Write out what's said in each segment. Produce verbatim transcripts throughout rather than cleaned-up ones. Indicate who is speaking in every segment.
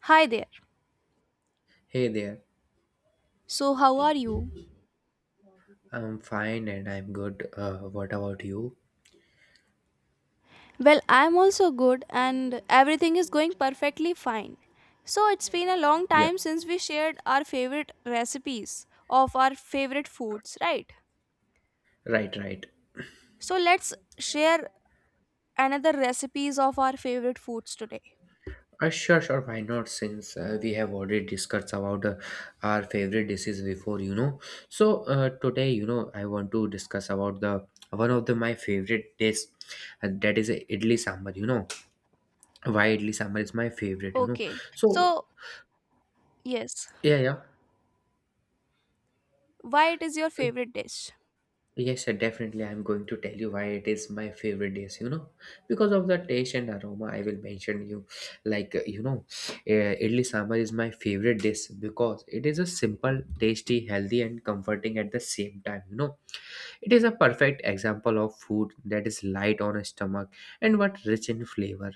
Speaker 1: Hi there.
Speaker 2: Hey there,
Speaker 1: So, how are you?
Speaker 2: I'm fine and I'm good. Uh, what about you?
Speaker 1: Well, I'm also good and everything is going perfectly fine. So, it's been a long
Speaker 2: Yeah.
Speaker 1: time since we shared our favorite recipes of our favorite foods, right?
Speaker 2: Right, right.
Speaker 1: So, let's share another recipes of our favorite foods today.
Speaker 2: Uh, sure, sure, why not? Since uh, we have already discussed about uh, our favorite dishes before, you know. So uh, today, you know, I want to discuss about the one of the my favorite dish, uh, that is uh, idli sambar. You know, why idli sambar is my favorite? You know,
Speaker 1: Okay.
Speaker 2: so
Speaker 1: So, yes,
Speaker 2: yeah, yeah.
Speaker 1: why it is your favorite dish?
Speaker 2: Yes, sir, definitely. I'm going to tell you why it is my favorite dish, you know, because of the taste and aroma. I will mention you, like, uh, you know, uh, idli sambar is my favorite dish because it is a simple, tasty, healthy, and comforting at the same time. You know, it is a perfect example of food that is light on a stomach and what rich in flavor.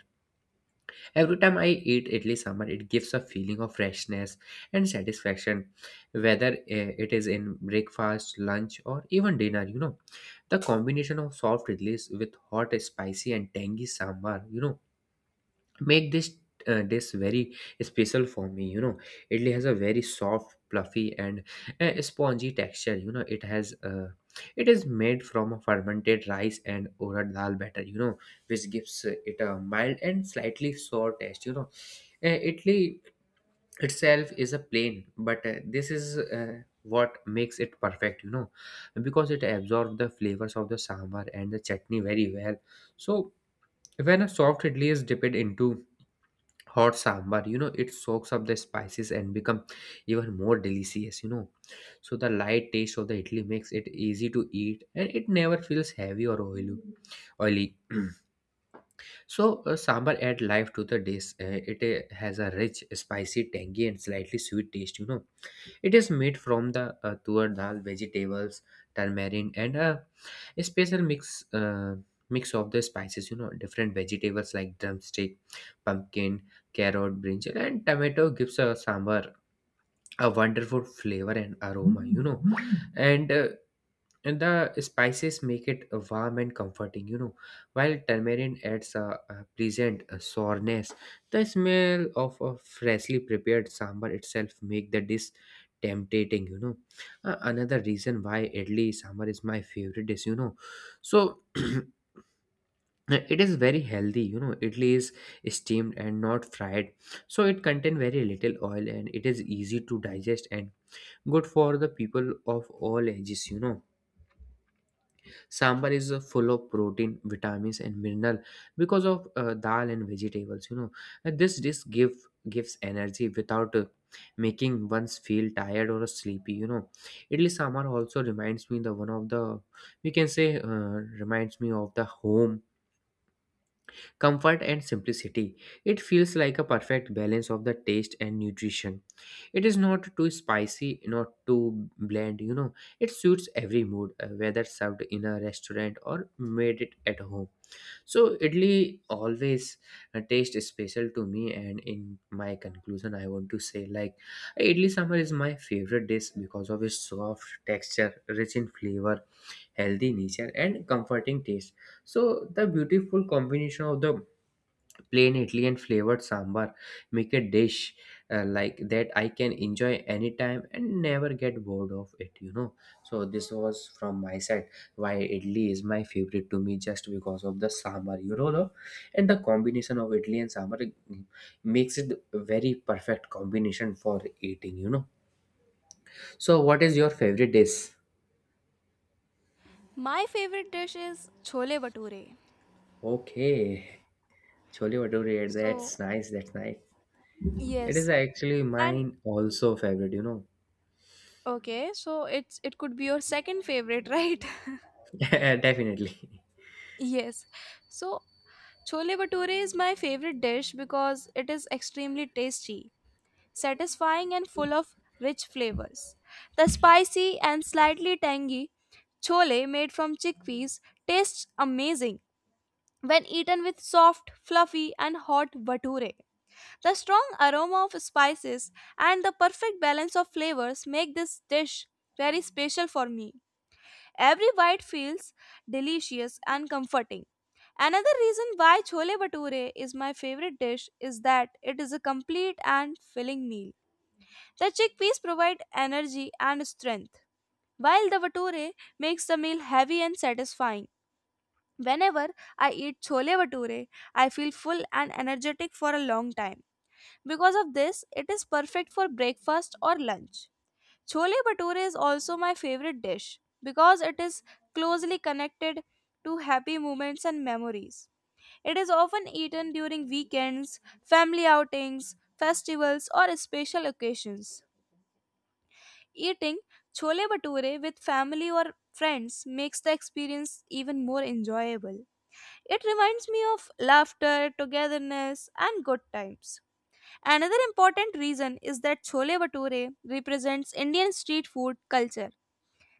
Speaker 2: Every time I eat idli sambar, it gives a feeling of freshness and satisfaction, whether eh, it is in breakfast, lunch, or even dinner. You know, the combination of soft idlis with hot, spicy, and tangy sambar, you know, make this uh, dish very special for me. You know, idli has a very soft, fluffy, and uh, spongy texture. You know, it has uh, it is made from a fermented rice and urad dal batter. You know, which gives uh, it a mild and slightly sour taste, you know. uh, Italy itself is a plain, but uh, this is uh, what makes it perfect, you know, because it absorbs the flavors of the sambar and the chutney very well. So, when a soft idli is dipped into hot sambar, you know, it soaks up the spices and become even more delicious, you know. So the light taste of the idli makes it easy to eat and it never feels heavy or oily oily so uh, Sambar add life to the dish. Uh, it uh, has a rich, spicy, tangy, and slightly sweet taste, you know. It is made from the uh, tuar dal, vegetables, turmeric, and a special mix uh, mix of the spices. You know, different vegetables like drumstick, pumpkin, carrot, brinjal, and tomato gives a sambar a wonderful flavor and aroma. You know, and uh, and the spices make it uh, warm and comforting, you know, while tamarind adds a, a pleasant uh, sourness. The smell of a freshly prepared sambar itself make the dish tempting, you know. Uh, another reason why idli sambar is my favorite dish, you know so it is very healthy. You know, idli is steamed and not fried, so it contain very little oil and it is easy to digest and good for the people of all ages, you know. Sambar is uh, full of protein, vitamins, and mineral because of uh, dal and vegetables. You know, and this dish give gives energy without uh, making one's feel tired or sleepy. You know, idli sambar also reminds me the one of the, we can say, uh, reminds me of the home comfort and simplicity. It feels like a perfect balance of the taste and nutrition. It is not too spicy, not too bland, you know. It suits every mood, uh, whether served in a restaurant or made it at home. So, idli always uh, tastes special to me, and in my conclusion, I want to say, like, idli sambar is my favorite dish because of its soft texture, rich in flavor, healthy nature, and comforting taste. So, the beautiful combination of the plain idli and flavored sambar make a dish uh, like that I can enjoy anytime and never get bored of it, you know. So this was from my side why idli is my favorite to me, just because of the sambar, you know, the, and the combination of idli and sambar, mm, makes it a very perfect combination for eating, you know. So what is your favorite dish?
Speaker 1: My favorite dish is chole bhature.
Speaker 2: Okay, chole bhature, that's
Speaker 1: So,
Speaker 2: nice, that's nice. It is
Speaker 1: yes.
Speaker 2: actually
Speaker 1: And
Speaker 2: mine also favorite, you know.
Speaker 1: okay, so it's it could be your second favorite, right?
Speaker 2: Definitely.
Speaker 1: Yes. So, chole bhature is my favorite dish because it is extremely tasty, satisfying and full of rich flavors. The spicy and slightly tangy chole made from chickpeas tastes amazing when eaten with soft, fluffy and hot bhature. The strong aroma of spices and the perfect balance of flavors make this dish very special for me. Every bite feels delicious and comforting. Another reason why chole bhature is my favorite dish is that it is a complete and filling meal. The chickpeas provide energy and strength, while the bhature makes the meal heavy and satisfying. Whenever I eat chole bhature, I feel full and energetic for a long time. Because of this, it is perfect for breakfast or lunch. Chole bhature is also my favorite dish because it is closely connected to happy moments and memories. It is often eaten during weekends, family outings, festivals, or special occasions. Eating chole bhature with family or friends makes the experience even more enjoyable. It reminds me of laughter, togetherness, and good times. Another important reason is that chole bhature represents Indian street food culture.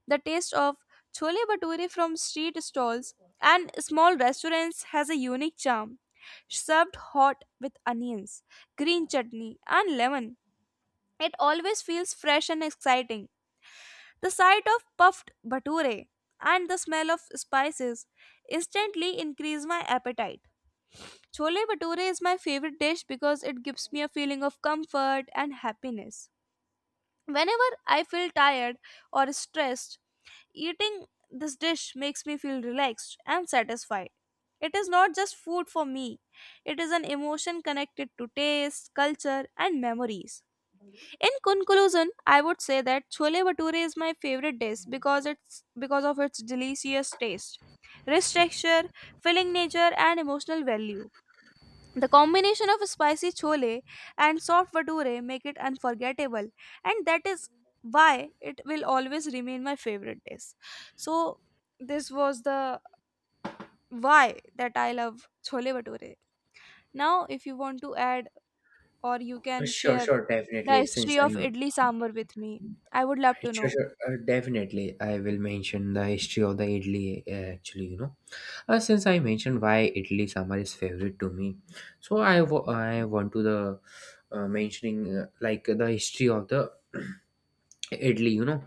Speaker 1: The taste of chole bhature from street stalls and small restaurants has a unique charm. Served hot with onions, green chutney, and lemon, it always feels fresh and exciting. The sight of puffed bhature and the smell of spices instantly increase my appetite. Chole bhature is my favorite dish because it gives me a feeling of comfort and happiness. Whenever I feel tired or stressed, eating this dish makes me feel relaxed and satisfied. It is not just food for me, it is an emotion connected to taste, culture, and memories. In conclusion, I would say that chole bhature is my favorite dish because it's because of its delicious taste, rich texture, filling nature, and emotional value. The combination of spicy chole and soft vadure make it unforgettable, and that is why it will always remain my favorite dish. So this was the why that I love chole bhature. Now, if you want to add or you
Speaker 2: Uh,
Speaker 1: can
Speaker 2: Sure,
Speaker 1: share
Speaker 2: sure,
Speaker 1: the
Speaker 2: definitely. Since
Speaker 1: history of
Speaker 2: I'm
Speaker 1: idli sambar with me, I would love to
Speaker 2: sure,
Speaker 1: know.
Speaker 2: sure, uh, definitely, I will mention the history of the Italy. uh, Actually, you know, uh, since I mentioned why Italy summer is favorite to me, so I wa- I want to the uh, mentioning, uh, like, the history of the Italy, you know.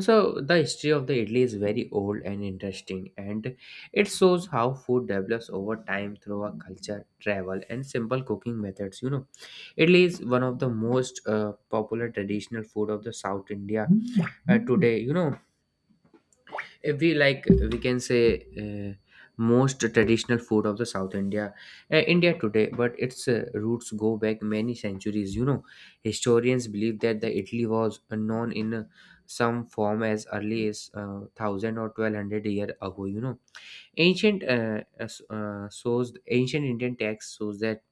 Speaker 2: So the history of the Italy is very old and interesting, and it shows how food develops over time through a culture, travel, and simple cooking methods. You know, Italy is one of the most uh, popular traditional food of the South India uh, today. You know, we like, we can say, uh, most traditional food of the south india uh, india today, but its uh, roots go back many centuries. You know, historians believe that the italy was uh, known in uh, some form as early as uh, a thousand or twelve hundred year ago, you know. Ancient uh, as- uh, shows ancient indian text shows that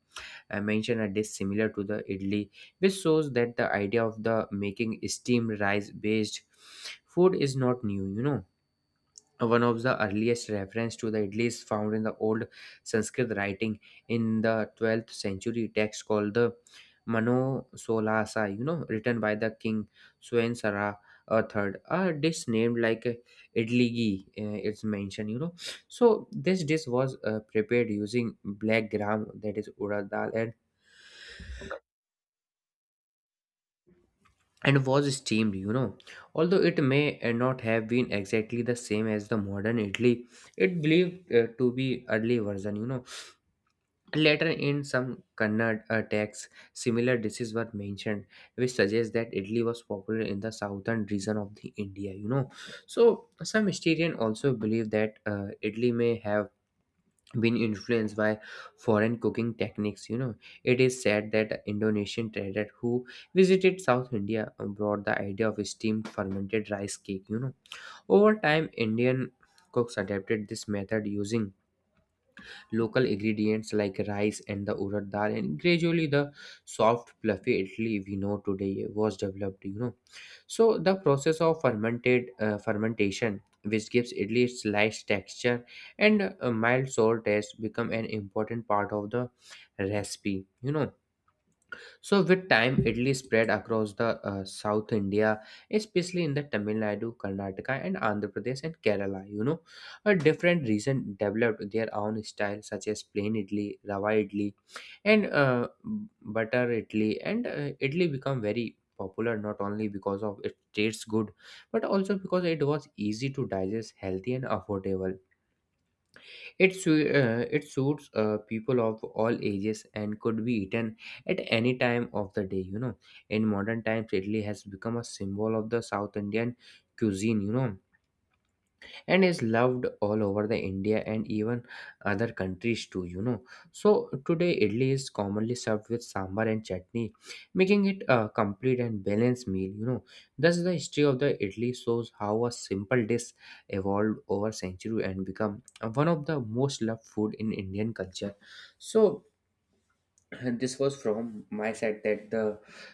Speaker 2: I mention a dish similar to the idli, which shows that the idea of the making steamed rice based food is not new, you know. One of the earliest reference to the idli is found in the old Sanskrit writing in the twelfth century text called the Mano Solasa, you know, written by the king Swayamsara three. A dish named, like, uh, idli ghee, uh, it's mentioned, you know. So this dish was uh, prepared using black gram, that is urad dal, and and was steamed, you know. Although it may uh, not have been exactly the same as the modern idli, it believed uh, to be early version, you know. Later in some Kannada uh, texts, similar dishes were mentioned, which suggests that Italy was popular in the southern region of the India. You know, so some historians also believe that uh, Italy may have been influenced by foreign cooking techniques. You know, it is said that Indonesian trader who visited South India brought the idea of steamed fermented rice cake. You know, over time, Indian cooks adapted this method using local ingredients like rice and the urad dal, and gradually the soft fluffy idli we know today was developed, you know. So the process of fermented uh, fermentation, which gives idli its light texture and a mild sour taste, become an important part of the recipe, you know. So, with time, idli spread across the uh, South India, especially in the Tamil Nadu, Karnataka, and Andhra Pradesh and Kerala. You know, a different region developed their own style, such as plain idli, rava idli, and uh, butter idli. And uh, idli become very popular not only because of it tastes good, but also because it was easy to digest, healthy, and affordable. It, su- uh, it suits uh, people of all ages and could be eaten at any time of the day. You know, in modern times, Italy has become a symbol of the South Indian cuisine. You know, and is loved all over the India and even other countries too, you know. So today idli is commonly served with sambar and chutney, making it a complete and balanced meal, you know. Thus the history of the idli shows how a simple dish evolved over century and become one of the most loved food in Indian culture. So this was from my side that the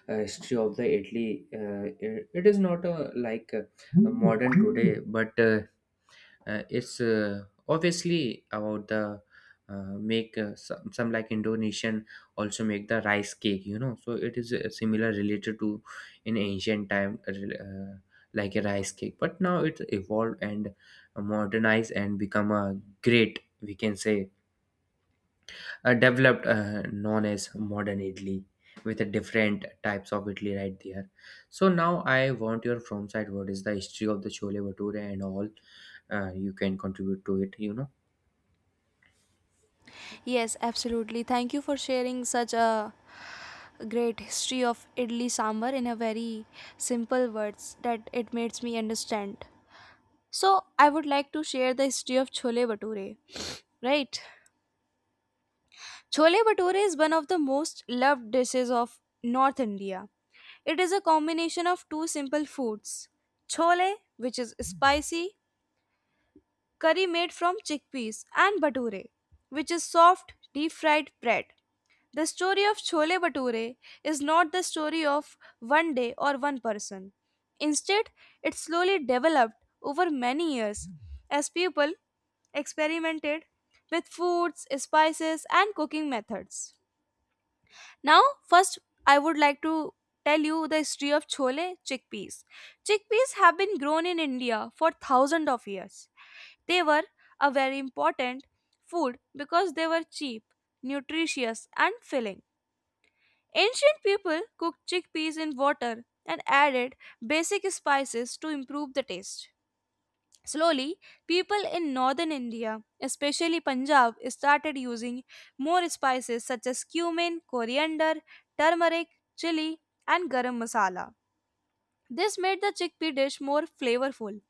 Speaker 2: uh, history of the Italy uh, it it is not a, like a, a modern today, but uh, uh, it's uh, obviously about the uh, make uh, some, some like, indonesian also make the rice cake, you know. So it is uh, similar related to in ancient time, uh, like a rice cake, but now it evolved and modernized and become a great, we can say, uh, developed, uh, known as modern Italy with a different types of Italy right there. So now I want your from side, what is the history of the Chole Bhature and all, uh, you can contribute to it, you know.
Speaker 1: Yes, absolutely. Thank you for sharing such a great history of idli sambar in a very simple words that it makes me understand. So I would like to share the history of chole bhature, right? Chole bhature is one of the most loved dishes of North India. It is a combination of two simple foods, chole, which is spicy curry made from chickpeas, and bhature, which is soft deep fried bread. The story of Chole Bhature is not the story of one day or one person. Instead, it slowly developed over many years as people experimented with foods, spices, and cooking methods. Now, first, I would like to tell you the history of chole chickpeas. Chickpeas have been grown in India for thousands of years. They were a very important food because they were cheap, nutritious, and filling. Ancient people cooked chickpeas in water and added basic spices to improve the taste. Slowly, people in northern India, especially Punjab, started using more spices such as cumin, coriander, turmeric, chili, and garam masala. This made the chickpea dish more flavorful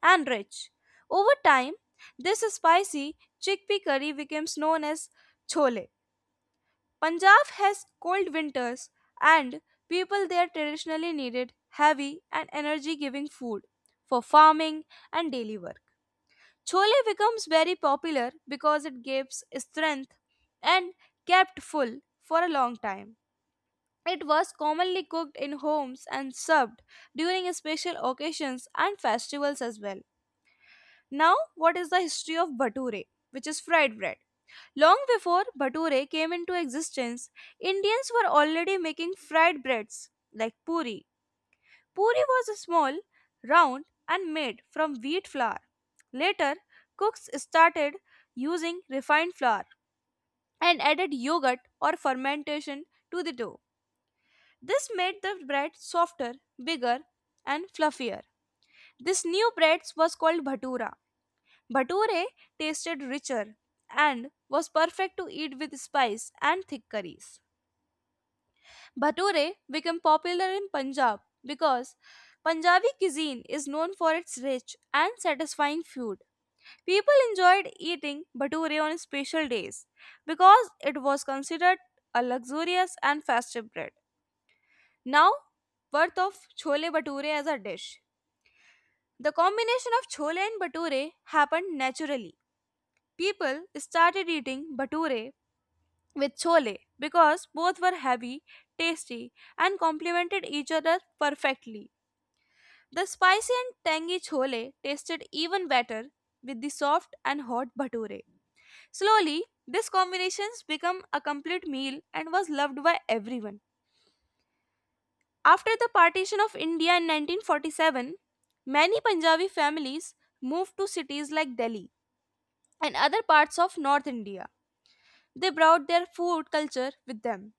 Speaker 1: and rich. Over time, this spicy chickpea curry becomes known as chole. Punjab has cold winters, and people there traditionally needed heavy and energy giving food for farming and daily work. Chole becomes very popular because it gives strength and kept full for a long time. It was commonly cooked in homes and served during special occasions and festivals as well. Now, what is the history of bhature, which is fried bread? Long before bhature came into existence, Indians were already making fried breads like puri. Puri was small, round, and made from wheat flour. Later, cooks started using refined flour and added yogurt or fermentation to the dough. This made the bread softer, bigger, and fluffier. This new bread was called bhatura. Bhature tasted richer and was perfect to eat with spice and thick curries. Bhature became popular in Punjab because Punjabi cuisine is known for its rich and satisfying food. People enjoyed eating bhature on special days because it was considered a luxurious and festive bread. Now, birth of chole bhature as a dish. The combination of chole and bhature happened naturally. People started eating bhature with chole because both were heavy, tasty, and complemented each other perfectly. The spicy and tangy chole tasted even better with the soft and hot bhature. Slowly, this combinations became a complete meal and was loved by everyone. After the partition of India in nineteen forty-seven, many Punjabi families moved to cities like Delhi and other parts of North India. They brought their food culture with them.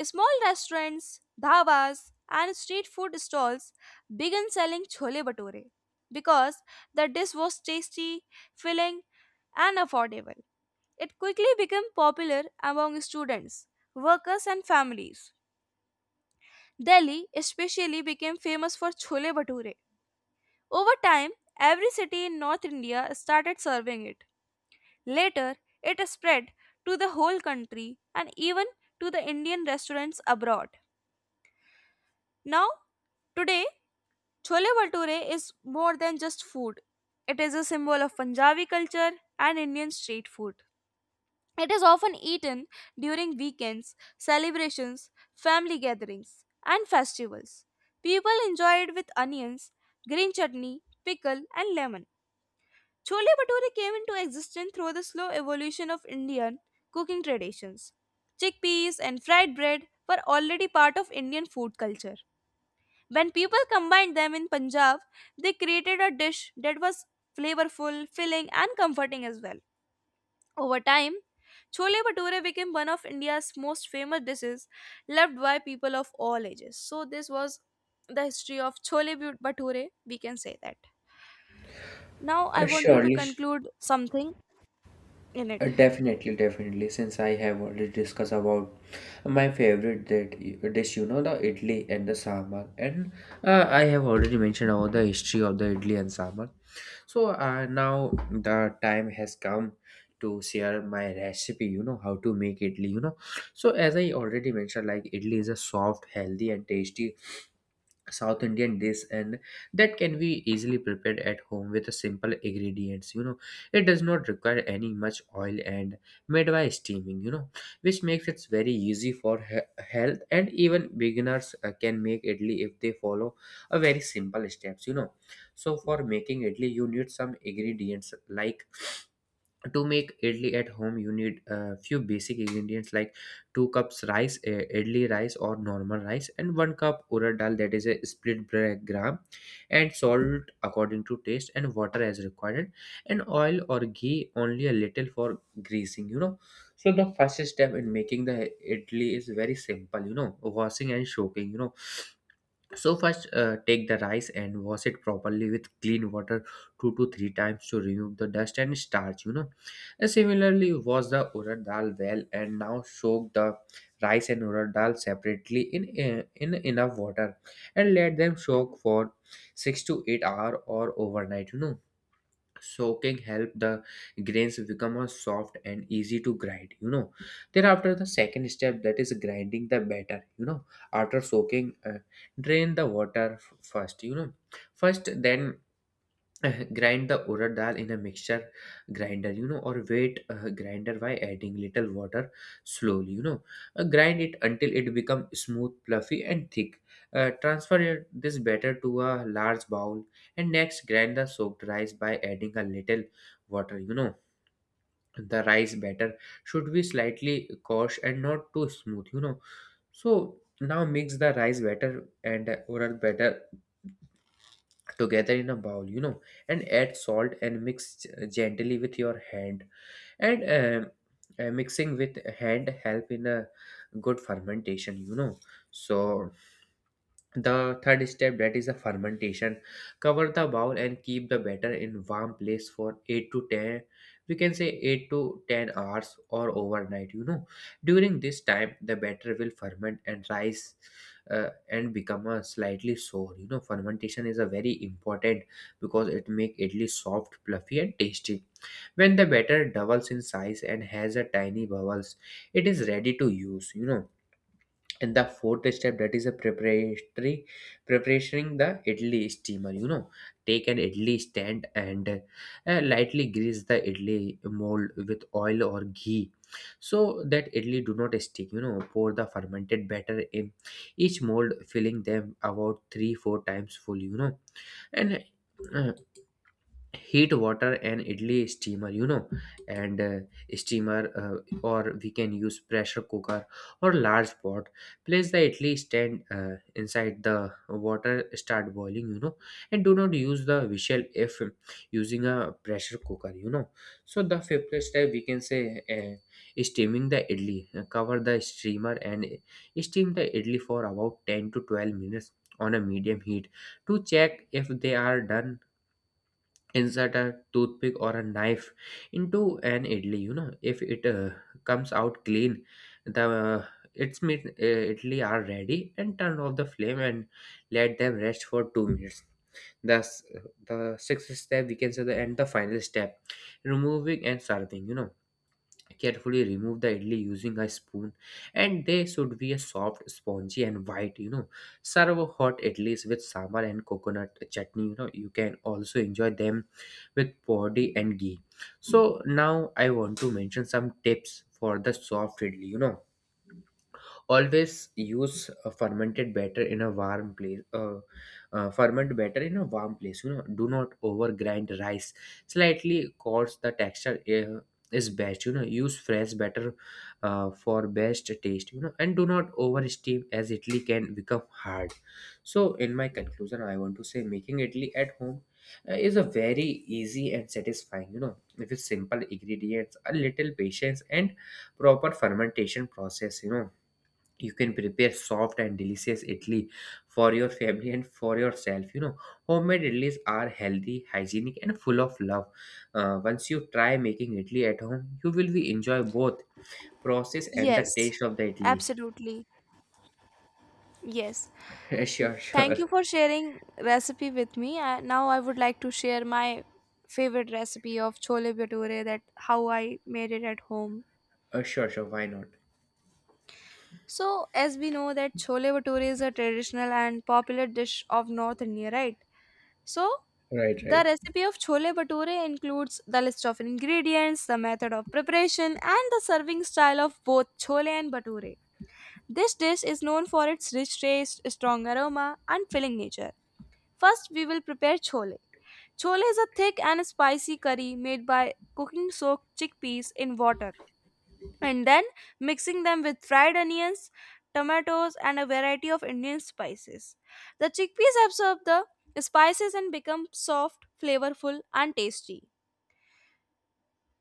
Speaker 1: Small restaurants, dhabas, and street food stalls began selling chole bhature because the dish was tasty, filling, and affordable. It quickly became popular among students, workers, and families. Delhi especially became famous for chole bhature. Over time, every city in North India started serving it. Later, it spread to the whole country and even to the Indian restaurants abroad. Now, today, Chole Bhature is more than just food. It is a symbol of Punjabi culture and Indian street food. It is often eaten during weekends, celebrations, family gatherings, and festivals. People enjoy it with onions, green chutney, pickle, and lemon. Chole Bhature came into existence through the slow evolution of Indian cooking traditions. Chickpeas and fried bread were already part of Indian food culture. When people combined them in Punjab, they created a dish that was flavorful, filling, and comforting as well. Over time, chole bhature became one of India's most famous dishes, loved by people of all ages. So this was the history of chole bhu- bhature, we can say that. Now I
Speaker 2: Uh,
Speaker 1: want you to
Speaker 2: surely,
Speaker 1: conclude something in
Speaker 2: Uh,
Speaker 1: it.
Speaker 2: definitely, definitely. Since I have already discussed about my favorite that dish, you know, the idli and the sambar, and uh, I have already mentioned about the history of the idli and sambar. So uh, now the time has come to share my recipe. You know how to make idli. You know, so as I already mentioned, like, idli is a soft, healthy, and tasty south indian dish and that can be easily prepared at home with a simple ingredients, you know it does not require any much oil and made by steaming, you know which makes it very easy for he- health, and even beginners uh, can make idli if they follow a very simple steps, you know so for making idli you need some ingredients like to make idli at home you need a few basic ingredients like two cups rice, uh, idli rice or normal rice, and one cup urad dal, that is a split gra- gram, and salt according to taste, and water as required, and oil or ghee only a little for greasing, you know so the first step in making the idli is very simple, you know washing and soaking, you know so first, uh, take the rice and wash it properly with clean water two to three times to remove the dust and starch. You know. And similarly, wash the urad dal well, and now soak the rice and urad dal separately in in enough water and let them soak for six to eight hour or overnight. You know soaking help the grains become a soft and easy to grind, you know thereafter the second step, that is grinding the batter, you know after soaking, uh, drain the water f- first, you know first then grind the urad dal in a mixture grinder, you know or wet uh, grinder by adding little water slowly, you know Uh, grind it until it become smooth, fluffy and thick. Uh, transfer your- this batter to a large bowl, and next grind the soaked rice by adding a little water, you know the rice batter should be slightly coarse and not too smooth, you know so now mix the rice batter and uh, urad batter together in a bowl, you know and add salt and mix g- gently with your hand, and um, uh, mixing with hand help in a good fermentation, you know so the third step, that is a fermentation. Cover the bowl and keep the batter in warm place for eight to ten, we can say eight to ten hours or overnight, you know. During this time the batter will ferment and rise, uh, and become a slightly sour, you know. Fermentation is a very important because it make idli soft, fluffy and tasty. When the batter doubles in size and has a tiny bubbles, it is ready to use, you know and the fourth step, that is a preparatory preparing the idli steamer, you know take an idli stand and uh, lightly grease the idli mold with oil or ghee so that idli do not stick, you know pour the fermented batter in each mold, filling them about three four times full, you know and uh, heat water and idli steamer, you know and uh, steamer, uh, or we can use pressure cooker or large pot, place the idli stand uh, inside the water, start boiling, you know and do not use the whistle if using a pressure cooker, you know so the fifth step we can say, uh, steaming the idli. Uh, cover the steamer and steam the idli for about ten to twelve minutes on a medium heat. To check if they are done, insert a toothpick or a knife into an idli, you know if it uh, comes out clean, the uh, its meat, uh, idli are ready, and turn off the flame and let them rest for two minutes. Thus, uh, the sixth step we can say, the and the final step, removing and serving, you know carefully remove the idli using a spoon, and they should be a soft, spongy and white, you know serve hot idlis with sambar and coconut chutney, you know you can also enjoy them with podi and ghee. So now I want to mention some tips for the soft idli, you know always use uh, fermented batter in a warm place, uh, uh, ferment batter in a warm place, you know do not over grind rice, slightly coarse the texture uh, is best, you know use fresh batter uh, for best taste, you know and do not over steam as idli can become hard. So in my conclusion I want to say, making idli at home uh, is a very easy and satisfying, you know with simple ingredients, a little patience and proper fermentation process, you know you can prepare soft and delicious idli for your family and for yourself, you know homemade idlis are healthy, hygienic and full of love. Uh, once you try making idli at home, you will be enjoy both process and the
Speaker 1: Yes,
Speaker 2: taste of the idli.
Speaker 1: absolutely. Yes.
Speaker 2: Sure, sure.
Speaker 1: Thank you for sharing recipe with me. I, now I would like to share my favorite recipe of chole bhature that how I made it at home.
Speaker 2: Uh, sure, sure, why not?
Speaker 1: So as we know that chole bhature is a traditional and popular dish of North India, right? So
Speaker 2: Right,
Speaker 1: the
Speaker 2: right.
Speaker 1: recipe of chole bhature includes the list of ingredients, the method of preparation, and the serving style of both chole and bhature. This dish is known for its rich taste, strong aroma, and filling nature. First, we will prepare chole. Chole is a thick and spicy curry made by cooking soaked chickpeas in water and then mixing them with fried onions, tomatoes, and a variety of Indian spices. The chickpeas absorb the spices and become soft, flavorful, and tasty.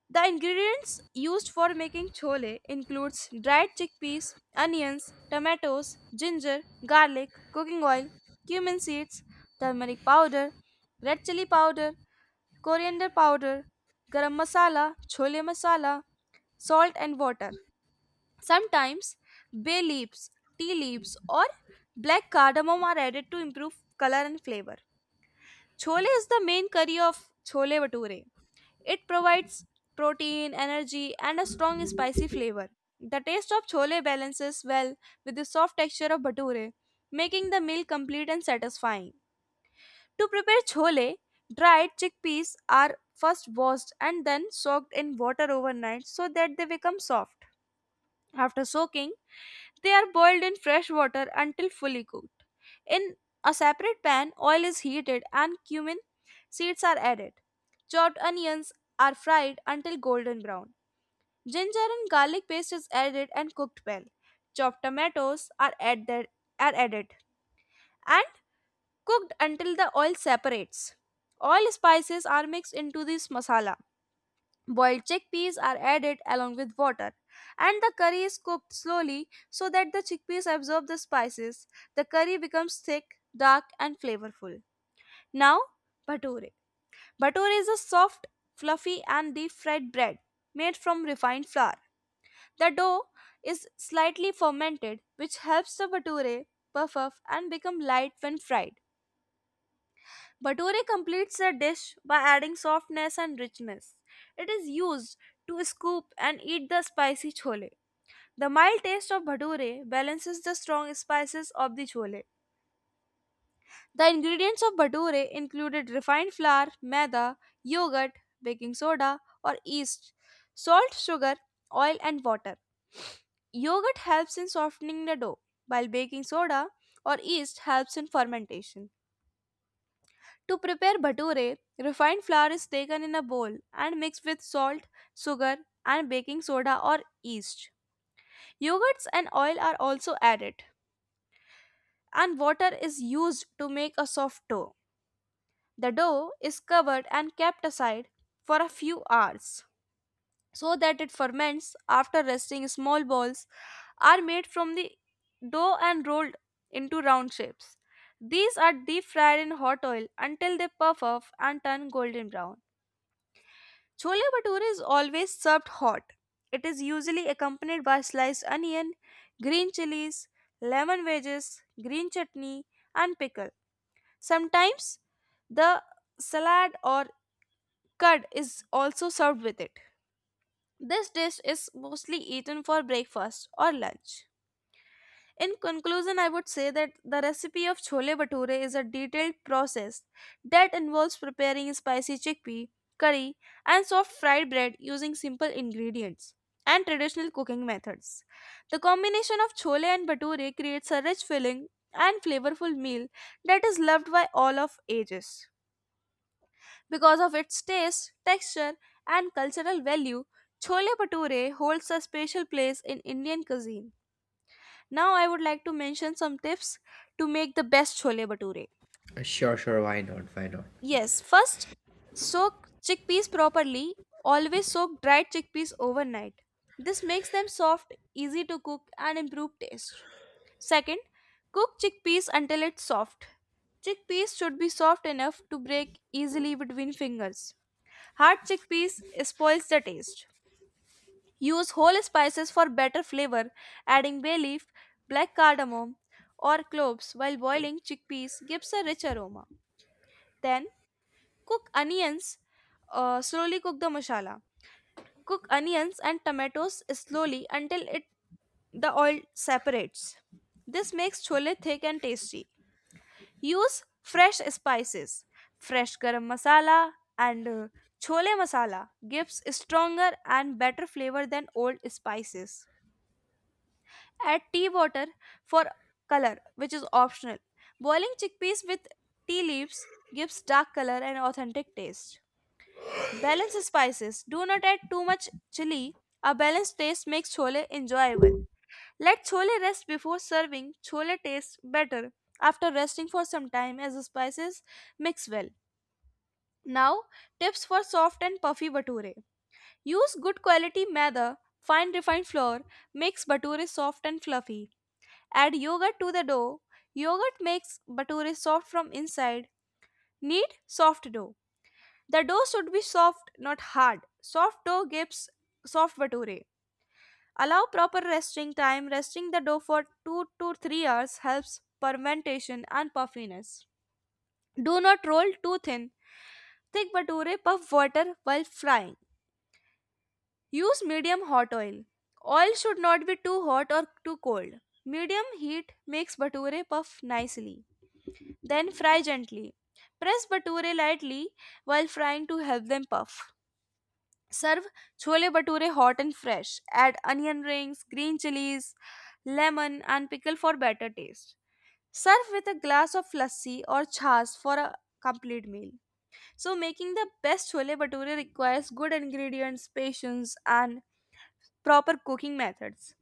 Speaker 1: The ingredients used for making chole includes dried chickpeas, onions, tomatoes, ginger, garlic, cooking oil, cumin seeds, turmeric powder, red chili powder, coriander powder, garam masala, chole masala, salt and water. Sometimes bay leaves, tea leaves or black cardamom are added to improve color and flavor. Chole is the main curry of chole bhature. It provides protein, energy and a strong spicy flavor. The taste of chole balances well with the soft texture of bhature, making the meal complete and satisfying. To prepare chole, dried chickpeas are first washed and then soaked in water overnight so that they become soft. After soaking, they are boiled in fresh water until fully cooked. In a separate pan, oil is heated and cumin seeds are added. Chopped onions are fried until golden brown. Ginger and garlic paste is added and cooked well. Chopped tomatoes are added, are added and cooked until the oil separates. Oil spices are mixed into this masala. Boiled chickpeas are added along with water, and the curry is cooked slowly so that the chickpeas absorb the spices. The curry becomes thick, dark, and flavorful. Now, bhature. Bhature is a soft, fluffy, and deep fried bread made from refined flour. The dough is slightly fermented, which helps the bhature puff up and become light when fried. Bhature completes the dish by adding softness and richness. It is used to scoop and eat the spicy chole. The mild taste of bhature balances the strong spices of the chole. The ingredients of bhature included refined flour, maida, yogurt, baking soda or yeast, salt, sugar, oil and water. Yogurt helps in softening the dough, while baking soda or yeast helps in fermentation. To prepare bhature, refined flour is taken in a bowl and mixed with salt, sugar, and baking soda or yeast. Yogurts and oil are also added, and water is used to make a soft dough. The dough is covered and kept aside for a few hours so that it ferments after resting. Small balls are made from the dough and rolled into round shapes. These are deep fried in hot oil until they puff up and turn golden brown. Chole bhature is always served hot. It is usually accompanied by sliced onion, green chilies, lemon wedges, green chutney, and pickle. Sometimes the salad or curd is also served with it. This dish is mostly eaten for breakfast or lunch. In conclusion, I would say that the recipe of chole bhature is a detailed process that involves preparing spicy chickpea, curry, and soft fried bread using simple ingredients and traditional cooking methods. The combination of chole and bhature creates a rich filling and flavorful meal that is loved by all of ages. Because of its taste, texture, and cultural value, chole bhature holds a special place in Indian cuisine. Now I would like to mention some tips to make the best chole bhature.
Speaker 2: Uh, sure, sure, why not, why not?
Speaker 1: Yes, first soak chickpeas properly. Always soak dried chickpeas overnight. This makes them soft, easy to cook and improve taste. Second, cook chickpeas until it's soft. Chickpeas should be soft enough to break easily between fingers. Hard chickpeas spoils the taste. Use whole spices for better flavor, adding bay leaf, black cardamom, or cloves while boiling chickpeas gives a rich aroma. Then cook onions, uh, slowly cook the masala. Cook onions and tomatoes slowly until it the oil separates. This makes chole thick and tasty. Use fresh spices. Fresh garam masala and uh, chole masala gives stronger and better flavor than old spices. Add tea water for color, which is optional. Boiling chickpeas with tea leaves gives dark color and authentic taste. Balance spices. Do not add too much chili. A balanced taste makes chole enjoyable. Let chole rest before serving. Chole tastes better after resting for some time as the spices mix well. Now, tips for soft and puffy bature. Use good quality maida, fine refined flour, makes bature soft and fluffy. Add yogurt to the dough. Yogurt makes bhature soft from inside. Knead soft dough. The dough should be soft, not hard. Soft dough gives soft bhature. Allow proper resting time. Resting the dough for two to three hours helps fermentation and puffiness. Do not roll too thin. Thick bhature puff water while frying. Use medium hot oil. Oil should not be too hot or too cold. Medium heat makes bhature puff nicely. Then fry gently. Press bhature lightly while frying to help them puff. Serve chole bhature hot and fresh. Add onion rings, green chilies, lemon, and pickle for better taste. Serve with a glass of lassi or chas for a complete meal. So, making the best chole bhature requires good ingredients, patience, and proper cooking methods.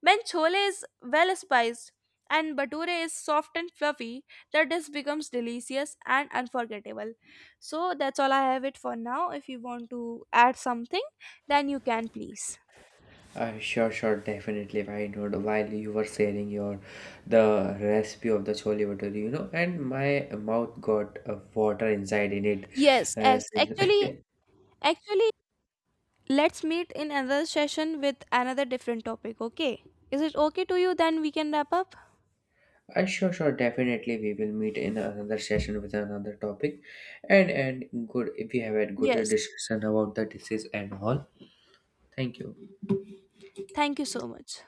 Speaker 1: When chole is well spiced and bature is soft and fluffy, the dish becomes delicious and unforgettable. So that's all I have it for now. If you want to add something, then you can please.
Speaker 2: Uh, sure, sure, definitely. Why not? While you were sharing your the recipe of the chole bhature, you know, and my mouth got uh, water inside in it.
Speaker 1: Yes,
Speaker 2: Uh,
Speaker 1: yes. Actually,
Speaker 2: since-
Speaker 1: actually, let's meet in another session with another different topic. Okay? Is it okay to you? Then we can wrap up.
Speaker 2: uh, sure, sure, definitely. We will meet in another session with another topic, and and good. If we have had good
Speaker 1: Yes.
Speaker 2: discussion about the disease and all, thank you.
Speaker 1: Thank you so much.